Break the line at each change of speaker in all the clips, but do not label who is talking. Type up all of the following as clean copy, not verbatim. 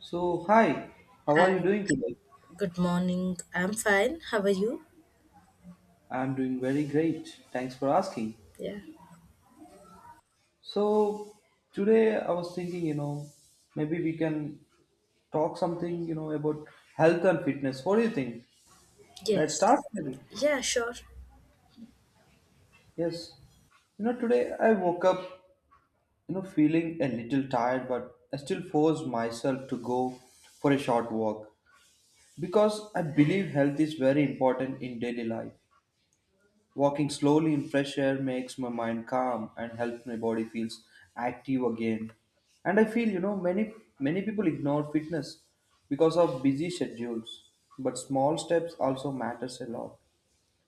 So, hi, how are you
Hi,
doing today?
good morning. I'm fine. How are you?
I'm doing very great. Thanks for asking.
Yeah.
So, today I was thinking, you know, maybe we can talk something, about health and fitness. What do you think? Let's start
Yes.
maybe.
Yeah, sure.
Yes. Today I woke up, feeling a little tired, but I still forced myself to go for a short walk because I believe health is very important in daily life. Walking slowly in fresh air makes my mind calm and helps my body feels active again. And I feel, many many people ignore fitness because of busy schedules, but small steps also matters a lot.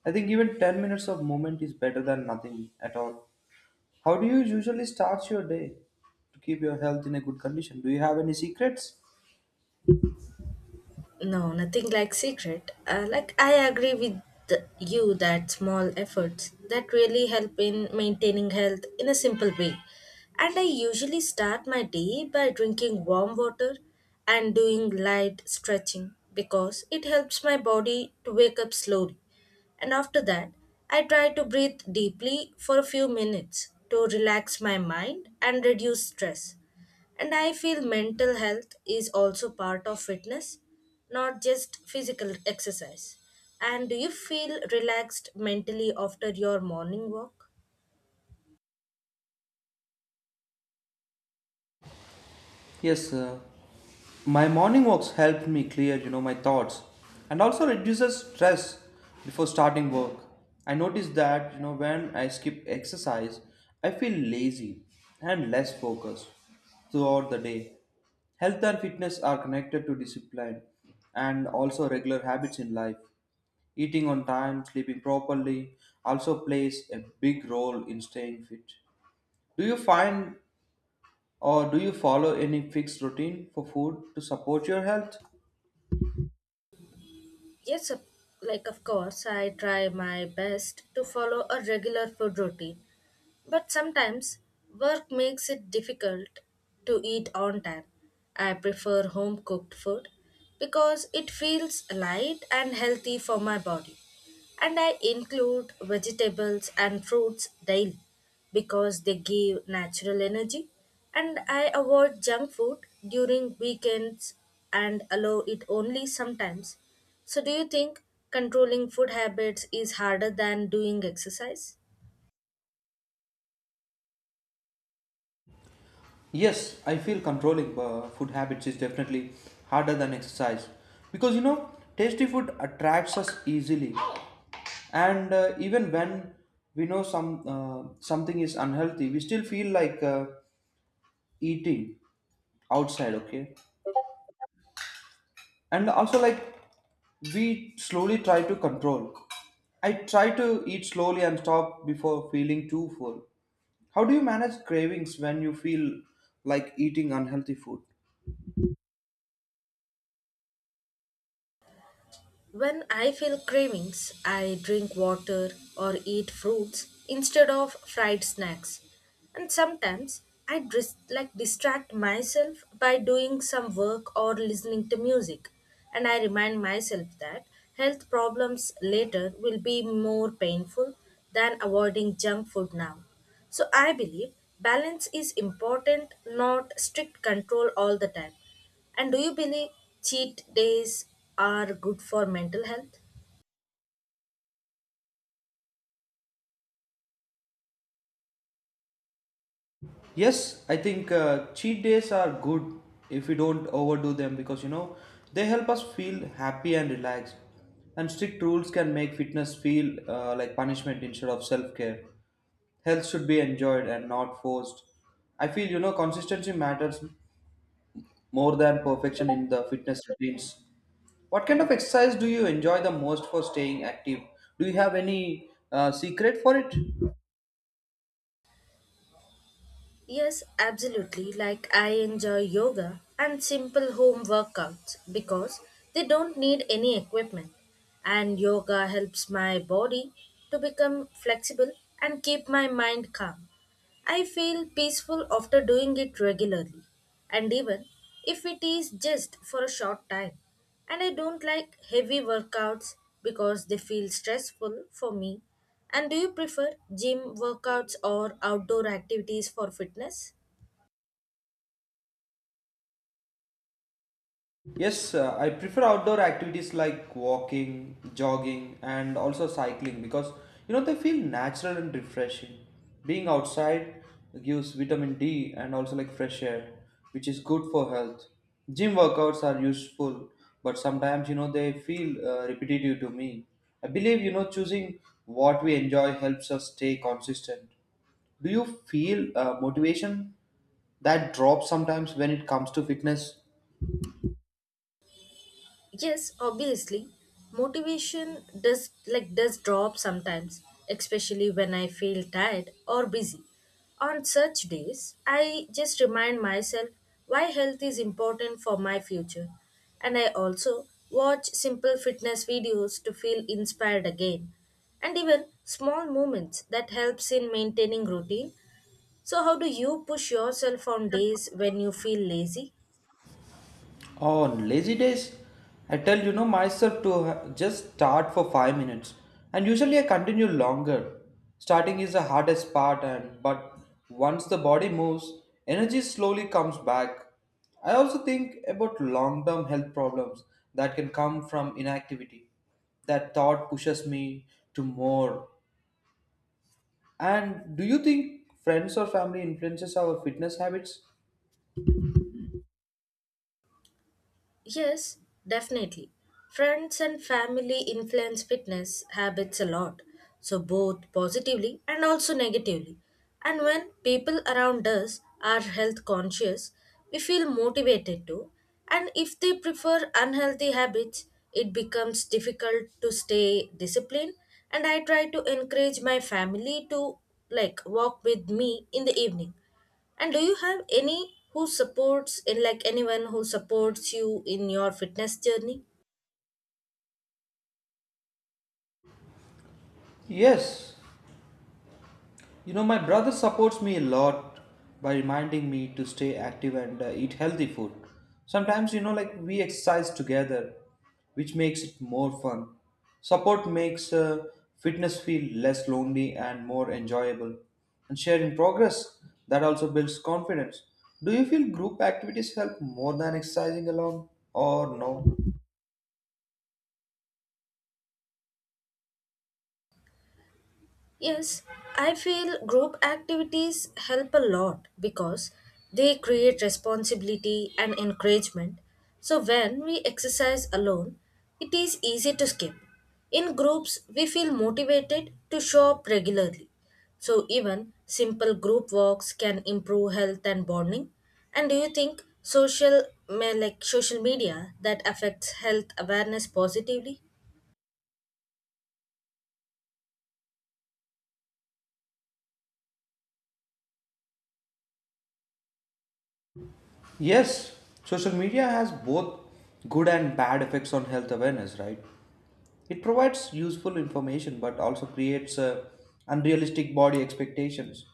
I think even 10 minutes of movement is better than nothing at all. How do you usually start your day to keep your health in a good condition? Do you have any secrets?
No, nothing like secret. Like I agree with you that small efforts that really help in maintaining health in a simple way. And I usually start my day by drinking warm water and doing light stretching because it helps my body to wake up slowly. And after that, I try to breathe deeply for a few minutes to relax my mind and reduce stress. And I feel mental health is also part of fitness, not just physical exercise. And do you feel relaxed mentally after your morning walk?
Yes, my morning walks helped me clear, my thoughts and also reduces stress before starting work. I noticed that, when I skip exercise, I feel lazy and less focused throughout the day. Health and fitness are connected to discipline and also regular habits in life. Eating on time, sleeping properly also plays a big role in staying fit. Do you find or do you follow any fixed routine for food to support your health?
Yes, of- like of course, I try my best to follow a regular food routine. But sometimes work makes it difficult to eat on time. I prefer home cooked food because it feels light and healthy for my body. And I include vegetables and fruits daily because they give natural energy, and I avoid junk food during weekends and allow it only sometimes. So do you think controlling food habits is harder than doing exercise?
Yes, I feel controlling food habits is definitely harder than exercise because tasty food attracts us easily. And even when we know something is unhealthy, we still feel like eating outside, okay? And also, like, we slowly try to control. I try to eat slowly and stop before feeling too full. How do you manage cravings when you feel like eating unhealthy food?
When I feel cravings, I drink water or eat fruits instead of fried snacks. And sometimes I distract myself by doing some work or listening to music. And I remind myself that health problems later will be more painful than avoiding junk food now. So I believe balance is important, not strict control all the time. And do you believe cheat days are good for mental health?
Yes, I think cheat days are good if we don't overdo them because they help us feel happy and relaxed, and strict rules can make fitness feel like punishment instead of self-care. Health should be enjoyed and not forced. I feel consistency matters more than perfection in the fitness routines. What kind of exercise do you enjoy the most for staying active? Do you have any secret for it?
Yes, absolutely. Like I enjoy yoga and simple home workouts because they don't need any equipment. And yoga helps my body to become flexible and keep my mind calm. I feel peaceful after doing it regularly, and even if it is just for a short time. And I don't like heavy workouts because they feel stressful for me. And do you prefer gym workouts or outdoor activities for fitness?
Yes, I prefer outdoor activities like walking, jogging, and also cycling because they feel natural and refreshing. Being outside gives vitamin D and also like fresh air, which is good for health. Gym workouts are useful, but sometimes they feel repetitive to me. I believe choosing what we enjoy helps us stay consistent. Do you feel motivation that drops sometimes when it comes to fitness?
Yes, obviously, motivation does drop sometimes, especially when I feel tired or busy. On such days, I just remind myself why health is important for my future. And I also watch simple fitness videos to feel inspired again. And even small moments that helps in maintaining routine. So how do you push yourself on days when you feel lazy?
On lazy days, I tell myself to just start for 5 minutes and usually I continue longer. Starting is the hardest part, and but once the body moves, energy slowly comes back. I also think about long-term health problems that can come from inactivity. That thought pushes me to more. And do you think friends or family influences our fitness habits?
Yes, definitely. Friends and family influence fitness habits a lot, so both positively and also negatively. And when people around us are health conscious, we feel motivated to. And if they prefer unhealthy habits, it becomes difficult to stay disciplined. And I try to encourage my family to like walk with me in the evening, and do you have any who supports in like anyone who supports you in your fitness journey?
Yes. My brother supports me a lot by reminding me to stay active and eat healthy food. Sometimes, like we exercise together, which makes it more fun. Support makes fitness feel less lonely and more enjoyable. And sharing progress, that also builds confidence. Do you feel group activities help more than exercising alone or no?
Yes, I feel group activities help a lot because they create responsibility and encouragement. So when we exercise alone, it is easy to skip. In groups, we feel motivated to show up regularly. So even simple group walks can improve health and bonding. And do you think social me- like social media that affects health awareness positively?
Yes, social media has both good and bad effects on health awareness, right? It provides useful information but also creates unrealistic body expectations.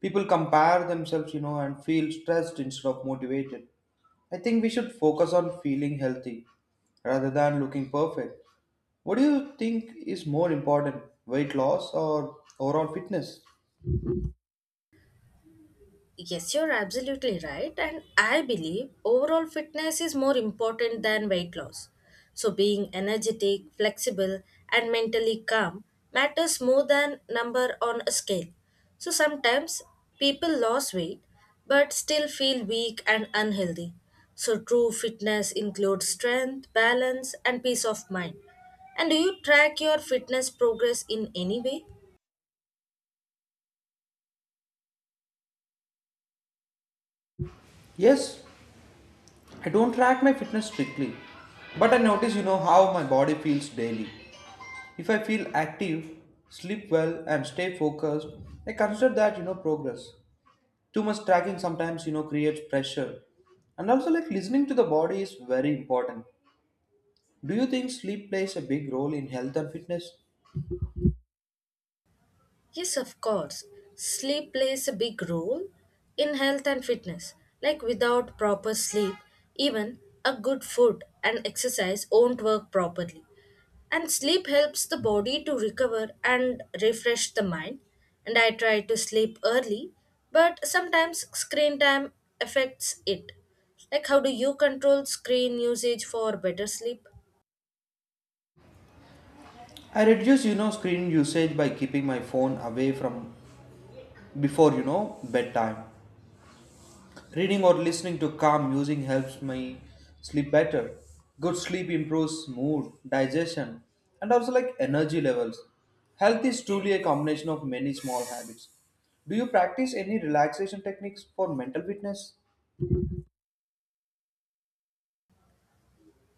People compare themselves, and feel stressed instead of motivated. I think we should focus on feeling healthy rather than looking perfect. What do you think is more important, weight loss or overall fitness?
Yes, you're absolutely right. And I believe overall fitness is more important than weight loss. So, being energetic, flexible, and mentally calm matters more than number on a scale. So, sometimes people lose weight but still feel weak and unhealthy. So, true fitness includes strength, balance, and peace of mind. And do you track your fitness progress in any way?
Yes, I don't track my fitness strictly, but I notice how my body feels daily. If I feel active, sleep well, and stay focused, I consider that progress. Too much tracking sometimes creates pressure, and also like listening to the body is very important. Do you think sleep plays a big role in health and fitness?
Yes, of course. Sleep plays a big role in health and fitness. Like without proper sleep, even a good food and exercise won't work properly. And sleep helps the body to recover and refresh the mind. And I try to sleep early, but sometimes screen time affects it. Like, how do you control screen usage for better sleep?
I reduce screen usage by keeping my phone away from before bedtime. Reading or listening to calm music helps me sleep better. Good sleep improves mood, digestion, and also like energy levels. Health is truly a combination of many small habits. Do you practice any relaxation techniques for mental fitness?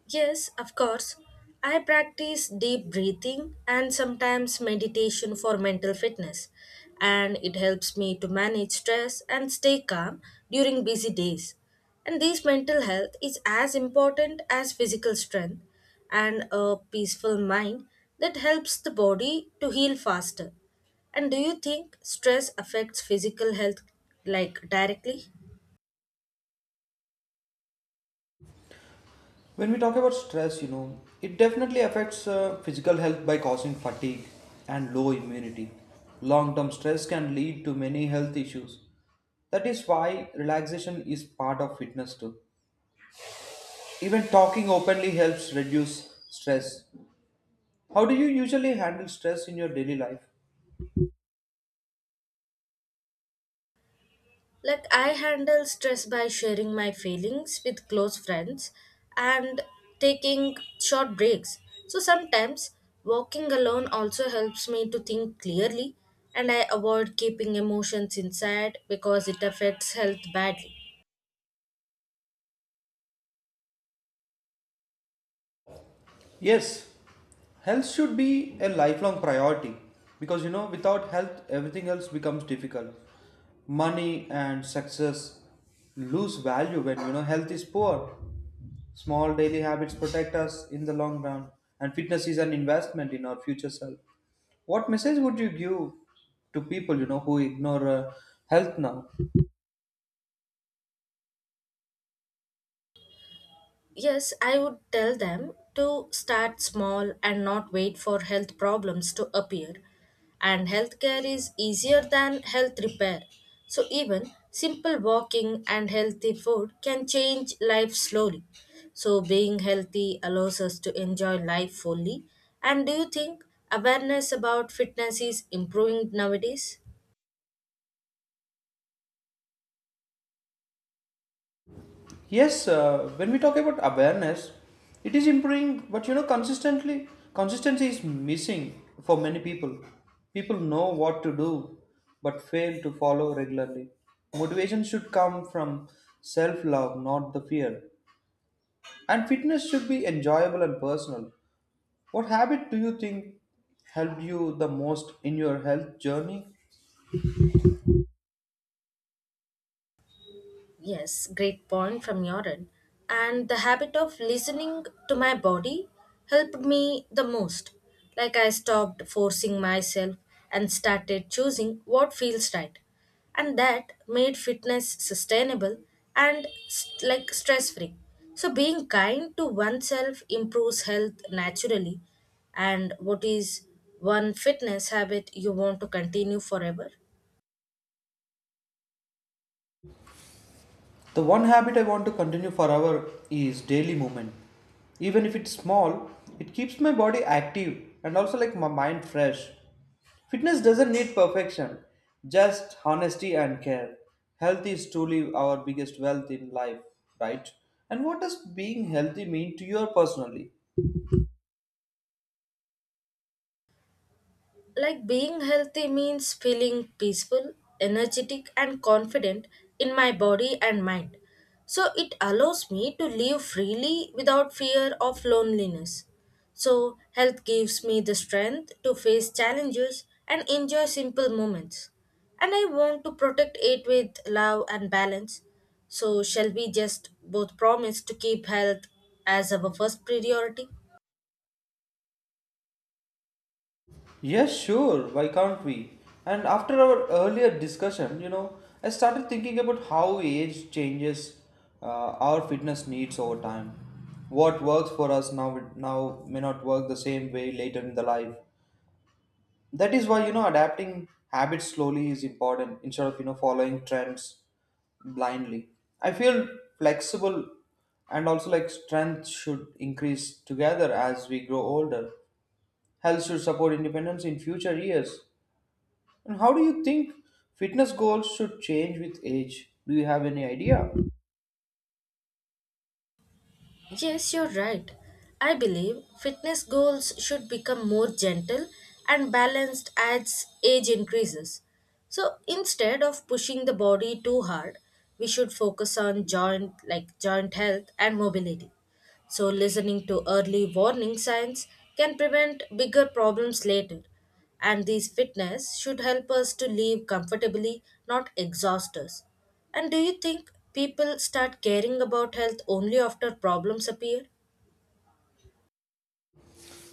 Yes, of course. I practice deep breathing and sometimes meditation for mental fitness, and it helps me to manage stress and stay calm during busy days. And this mental health is as important as physical strength, and a peaceful mind that helps the body to heal faster. And do you think stress affects physical health like directly?
When we talk about stress, it definitely affects physical health by causing fatigue and low immunity. Long term stress can lead to many health issues. That is why relaxation is part of fitness too. Even talking openly helps reduce stress. How do you usually handle stress in your daily life?
Like, I handle stress by sharing my feelings with close friends and taking short breaks. So, sometimes walking alone also helps me to think clearly, and I avoid keeping emotions inside because it affects health badly.
Yes, health should be a lifelong priority because without health, everything else becomes difficult. Money and success lose value when health is poor. Small daily habits protect us in the long run, and fitness is an investment in our future self. What message would you give to people who ignore health now?
Yes, I would tell them to start small and not wait for health problems to appear. And healthcare is easier than health repair. So, even simple walking and healthy food can change life slowly. So, being healthy allows us to enjoy life fully. And do you think awareness about fitness is improving nowadays?
Yes, when we talk about awareness, it is improving, but consistency is missing for many people. People know what to do, but fail to follow regularly. Motivation should come from self love, not the fear. And fitness should be enjoyable and personal. What habit do you think helped you the most in your health journey?
Yes, great point from your end. And the habit of listening to my body helped me the most. Like I stopped forcing myself and started choosing what feels right. And that made fitness sustainable and stress free. So being kind to oneself improves health naturally. And what is one fitness habit you want to continue forever?
The one habit I want to continue forever is daily movement. Even if it's small, it keeps my body active and also like my mind fresh. Fitness doesn't need perfection, just honesty and care. Health is truly our biggest wealth in life, right? And what does being healthy mean to you personally?
Like being healthy means feeling peaceful, energetic, and confident in my body and mind. So it allows me to live freely without fear of loneliness. So, health gives me the strength to face challenges and enjoy simple moments. And I want to protect it with love and balance. So, shall we just both promise to keep health as our first priority?
Yes, sure. Why can't we? And after our earlier discussion, I started thinking about how age changes our fitness needs over time. What works for us now may not work the same way later in the life. That is why adapting habits slowly is important instead of following trends blindly. I feel flexible and also like strength should increase together as we grow older. Health should support independence in future years. And how do you think fitness goals should change with age? Do you have any idea?
Yes, you're right. I believe fitness goals should become more gentle and balanced as age increases. So instead of pushing the body too hard, we should focus on joint health and mobility. So, listening to early warning signs can prevent bigger problems later. And these fitness should help us to live comfortably, not exhaust us. And do you think people start caring about health only after problems appear?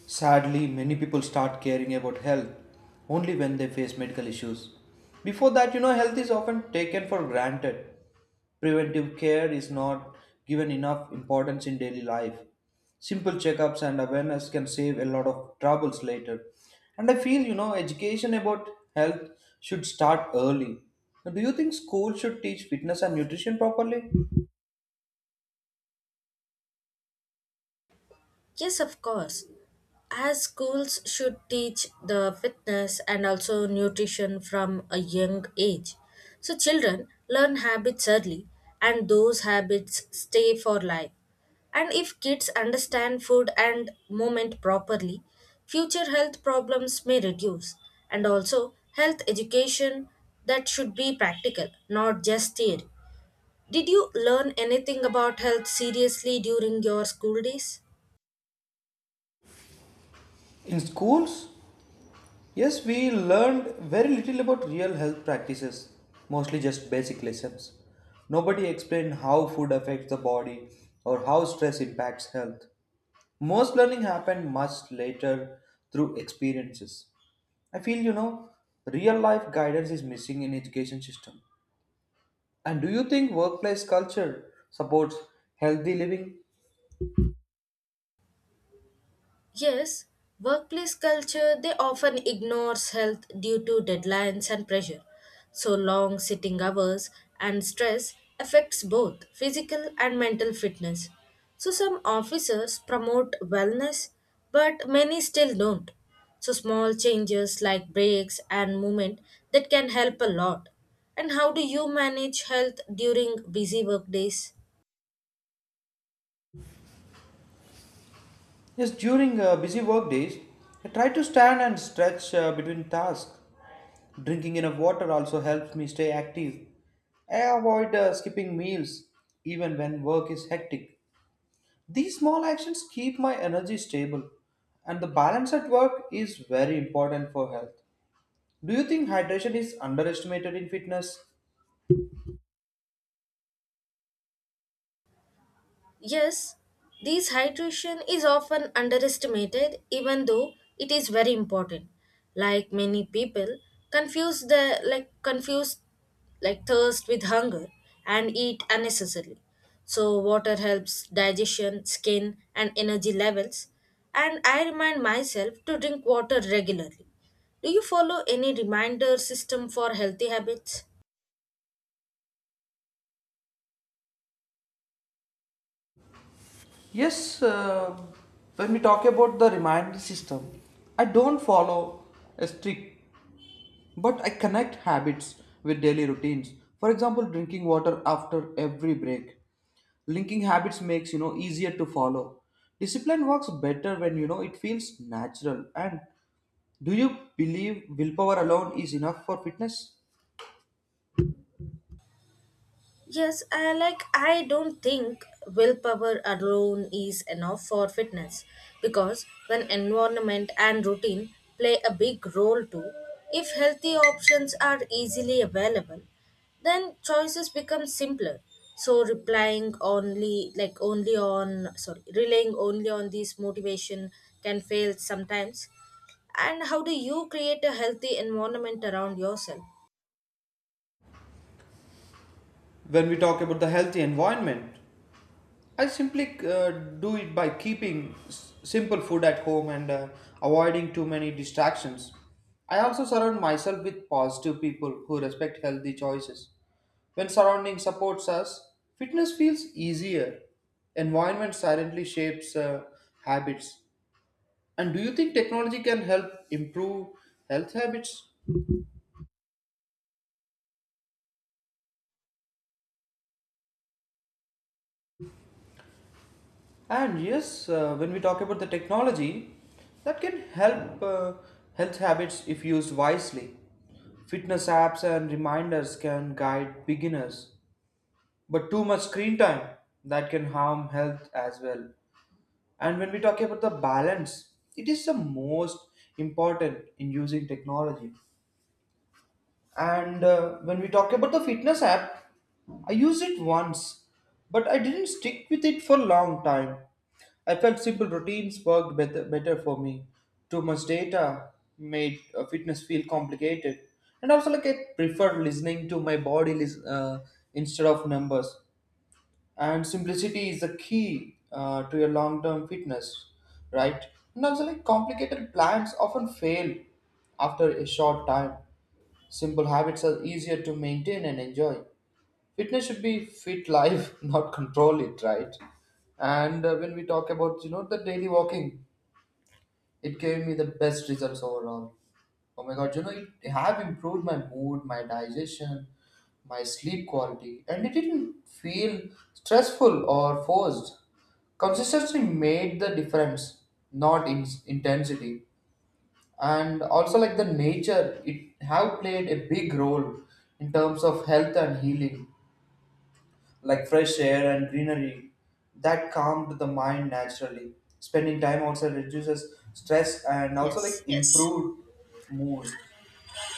Sadly, many people start caring about health only when they face medical issues. Before that, health is often taken for granted. Preventive care is not given enough importance in daily life. Simple checkups and awareness can save a lot of troubles later. And I feel, education about health should start early. Do you think school should teach fitness and nutrition properly?
Yes, of course. As schools should teach the fitness and also nutrition from a young age. So children learn habits early and those habits stay for life. And if kids understand food and movement properly, future health problems may reduce. And also health education that should be practical, not just theory. Did you learn anything about health seriously during your school days?
In schools, yes, we learned very little about real health practices, mostly just basic lessons. Nobody explained how food affects the body or how stress impacts health. Most learning happened much later through experiences. I feel real life guidance is missing in education system. And do you think workplace culture supports healthy living?
Yes, workplace culture they often ignores health due to deadlines and pressure. So long sitting hours and stress affects both physical and mental fitness. So some officers promote wellness but many still don't. So small changes like breaks and movement that can help a lot. And how do you manage health during busy work days?
Yes, during busy work days, I try to stand and stretch between tasks. Drinking enough water also helps me stay active. I avoid skipping meals even when work is hectic. These small actions keep my energy stable, and the balance at work is very important for health. Do you think hydration is underestimated in fitness?
Yes, this hydration is often underestimated even though it is very important. Like many people confuse the like confuse like thirst with hunger and eat unnecessarily. So water helps digestion, skin and energy levels, and I remind myself to drink water regularly. Do you follow any reminder system for healthy habits?
Yes, when we talk about the reminder system, I don't follow a strict. But I connect habits with daily routines. For example, drinking water after every break. Linking habits makes easier to follow. Discipline works better when it feels natural. And do you believe willpower alone is enough for fitness?
I don't think willpower alone is enough for fitness because when environment and routine play a big role too, if healthy options are easily available, then choices become simpler. So replying only like only on sorry, relying only on this motivation can fail sometimes. And how do you create a healthy environment around yourself?
When we talk about the healthy environment, I simply do it by keeping simple food at home and avoiding too many distractions. I also surround myself with positive people who respect healthy choices. When surrounding supports us, fitness feels easier. Environment silently shapes habits. And do you think technology can help improve health habits? And yes, when we talk about the technology, that can help health habits if used wisely. Fitness apps and reminders can guide beginners, but too much screen time that can harm health as well. And when we talk about the balance, it is the most important in using technology. And when we talk about the fitness app, I used it once, but I didn't stick with it for a long time. I felt simple routines worked better for me. Too much data made fitness feel complicated. And also, like, I preferred listening to my body instead of numbers. And simplicity is the key to your long term fitness, right? And also, like, complicated plans often fail after a short time. Simple habits are easier to maintain and enjoy. Fitness should be fit life, not control it, right? And when we talk about, the daily walking, it gave me the best results overall. Oh my God, it have improved my mood, my digestion, my sleep quality, and it didn't feel stressful or forced. Consistency made the difference, not in intensity. And also like the nature, it have played a big role in terms of health and healing, like fresh air and greenery that calmed the mind naturally. Spending time outside reduces stress and also like,
Yes.
yes, improved mood.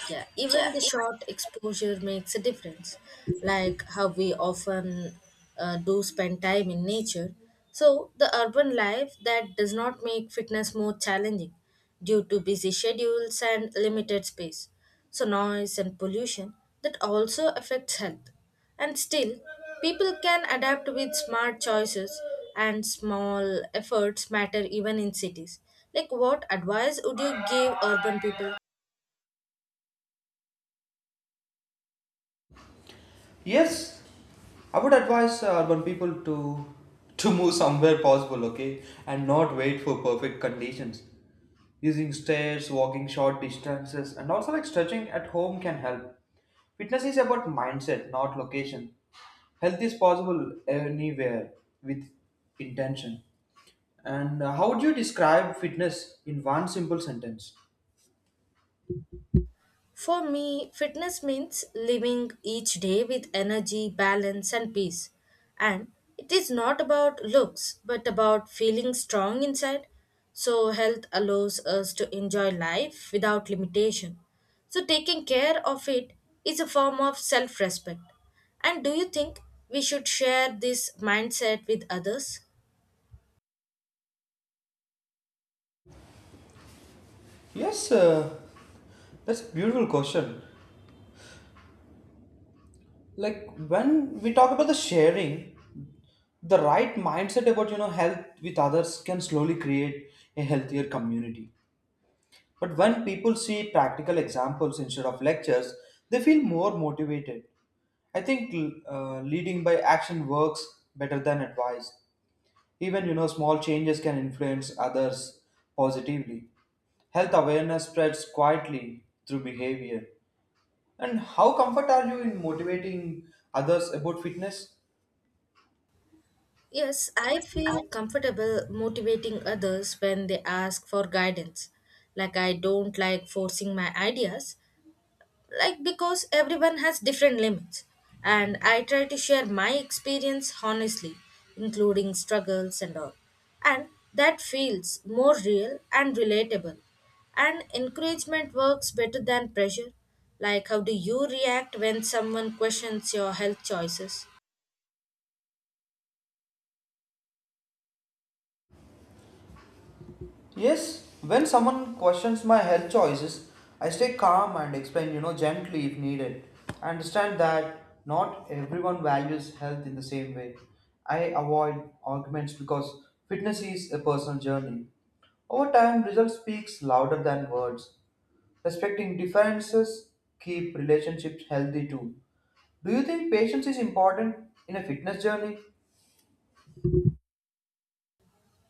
Yeah,
Yeah.
even the short exposure makes a difference, like how we often do spend time in nature. So, the urban life that does not make fitness more challenging due to busy schedules and limited space. So, noise and pollution that also affects health. And still, people can adapt with smart choices and small efforts matter even in cities. Like, what advice would you give urban people?
Yes, I would advise urban people to move somewhere possible, okay, and not wait for perfect conditions. Using stairs, walking short distances, and also like stretching at home can help. Fitness is about mindset, not location. Health is possible anywhere with intention. And how would you describe fitness in one simple sentence?
For me, fitness means living each day with energy, balance, and peace. And it is not about looks, but about feeling strong inside. So, health allows us to enjoy life without limitation. So, taking care of it is a form of self respect. And do you think we should share this mindset with others?
Yes, that's a beautiful question. Like when we talk about the sharing the right mindset about, health with others can slowly create a healthier community, but when people see practical examples instead of lectures, they feel more motivated. I think leading by action works better than advice. Even, small changes can influence others positively. Health awareness spreads quietly through behavior. And how comfort are you in motivating others about fitness?
Yes, I feel comfortable motivating others when they ask for guidance. Like, I don't like forcing my ideas, like, because everyone has different limits. And I try to share my experience honestly, including struggles and all. And that feels more real and relatable. And encouragement works better than pressure. Like, how do you react when someone questions your health choices?
Yes, when someone questions my health choices, I stay calm and explain, gently if needed. I understand that not everyone values health in the same way. I avoid arguments because fitness is a personal journey. Over time, result speaks louder than words. Respecting differences keep relationships healthy too. Do you think patience is important in a fitness journey?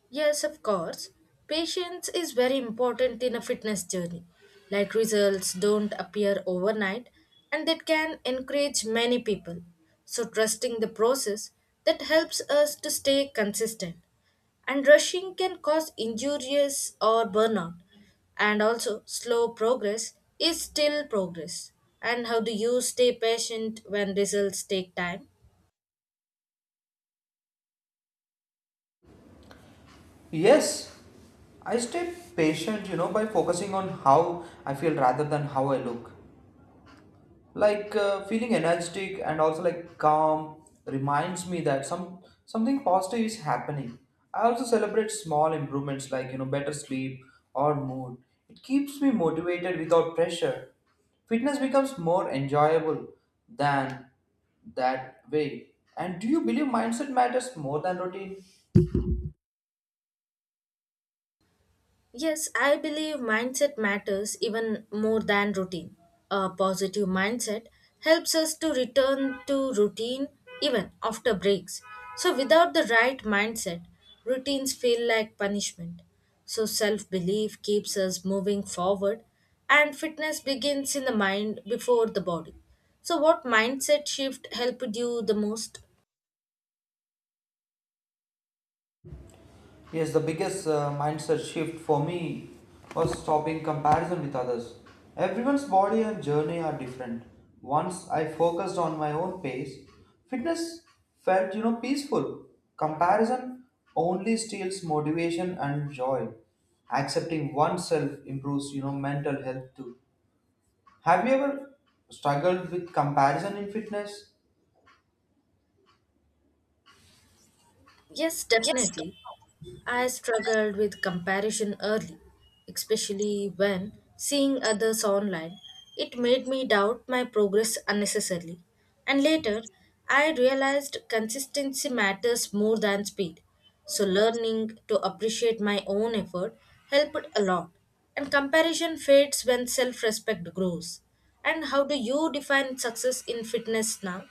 Yes, of course. Patience is very important in a fitness journey. Like results don't appear overnight and that can encourage many people. So, trusting the process that helps us to stay consistent. And rushing can cause injuries or burnout. And also, slow progress is still progress. And how do you stay patient when results take time?
Yes, I stay patient, by focusing on how I feel rather than how I look. Like feeling energetic and also like calm reminds me that something positive is happening. I also celebrate small improvements like, better sleep or mood. It keeps me motivated without pressure. Fitness becomes more enjoyable than that way. And do you believe mindset matters more than routine?
Yes, I believe mindset matters even more than routine. A positive mindset helps us to return to routine even after breaks. So, without the right mindset, routines feel like punishment. So, self belief keeps us moving forward, and fitness begins in the mind before the body. So, what mindset shift helped you the most?
Yes, the biggest mindset shift for me was stopping comparison with others. Everyone's body and journey are different. Once I focused on my own pace, fitness felt, peaceful. Comparison only steals motivation and joy. Accepting oneself improves, mental health too. Have you ever struggled with comparison in fitness?
Yes,
Yes.
definitely. I struggled with comparison early, especially when seeing others online. It made me doubt my progress unnecessarily. And later, I realized consistency matters more than speed. So, learning to appreciate my own effort helped a lot. And comparison fades when self respect grows. And how do you define success in fitness now?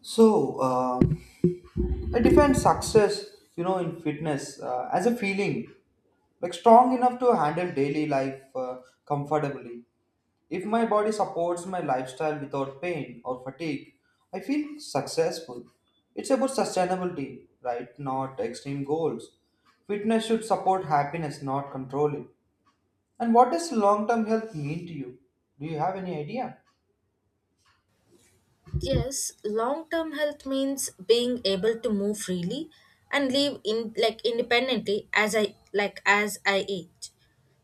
So, I define success, in fitness as a feeling, like strong enough to handle daily life comfortably. If my body supports my lifestyle without pain or fatigue, I feel successful. It's about sustainability, right? Not extreme goals. Fitness should support happiness, not control it. And what does long term health mean to you? Do you have any idea?
Yes, long term health means being able to move freely and live in like independently as I age.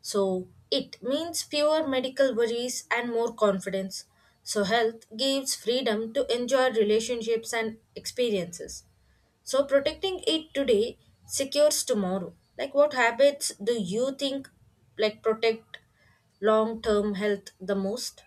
So it means fewer medical worries and more confidence. So health gives freedom to enjoy relationships and experiences. So protecting it today secures tomorrow. Like what habits do you think like protect long term health the most?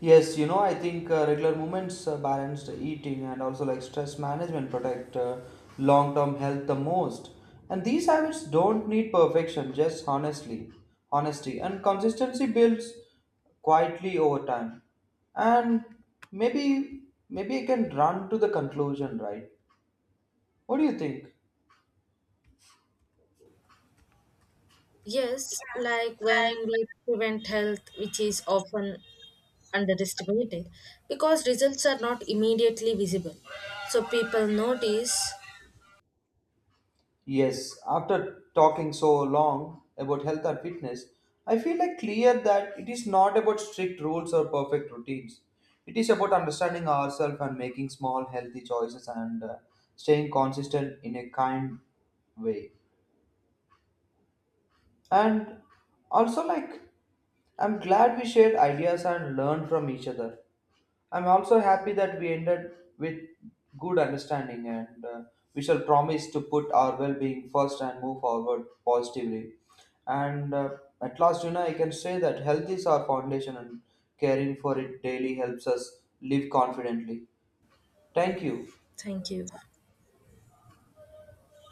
Yes, I think regular movements, balanced eating, and also like stress management protect long term health the most. And these habits don't need perfection, just honestly, honesty, and consistency builds quietly over time. And maybe, maybe I can run to the conclusion, right? What do you think?
Yes, like when
Like
we prevent health, which is often underestimated because results are not immediately visible. So people notice.
yes, after talking so long about health and fitness, I feel like clear that it is not about strict rules or perfect routines. It is about understanding ourselves and making small healthy choices and staying consistent in a kind way. And also like I'm glad we shared ideas and learned from each other. I'm also happy that we ended with good understanding and, we shall promise to put our well being first and move forward positively. And at last, I can say that health is our foundation and caring for it daily helps us live confidently. Thank you.
Thank you.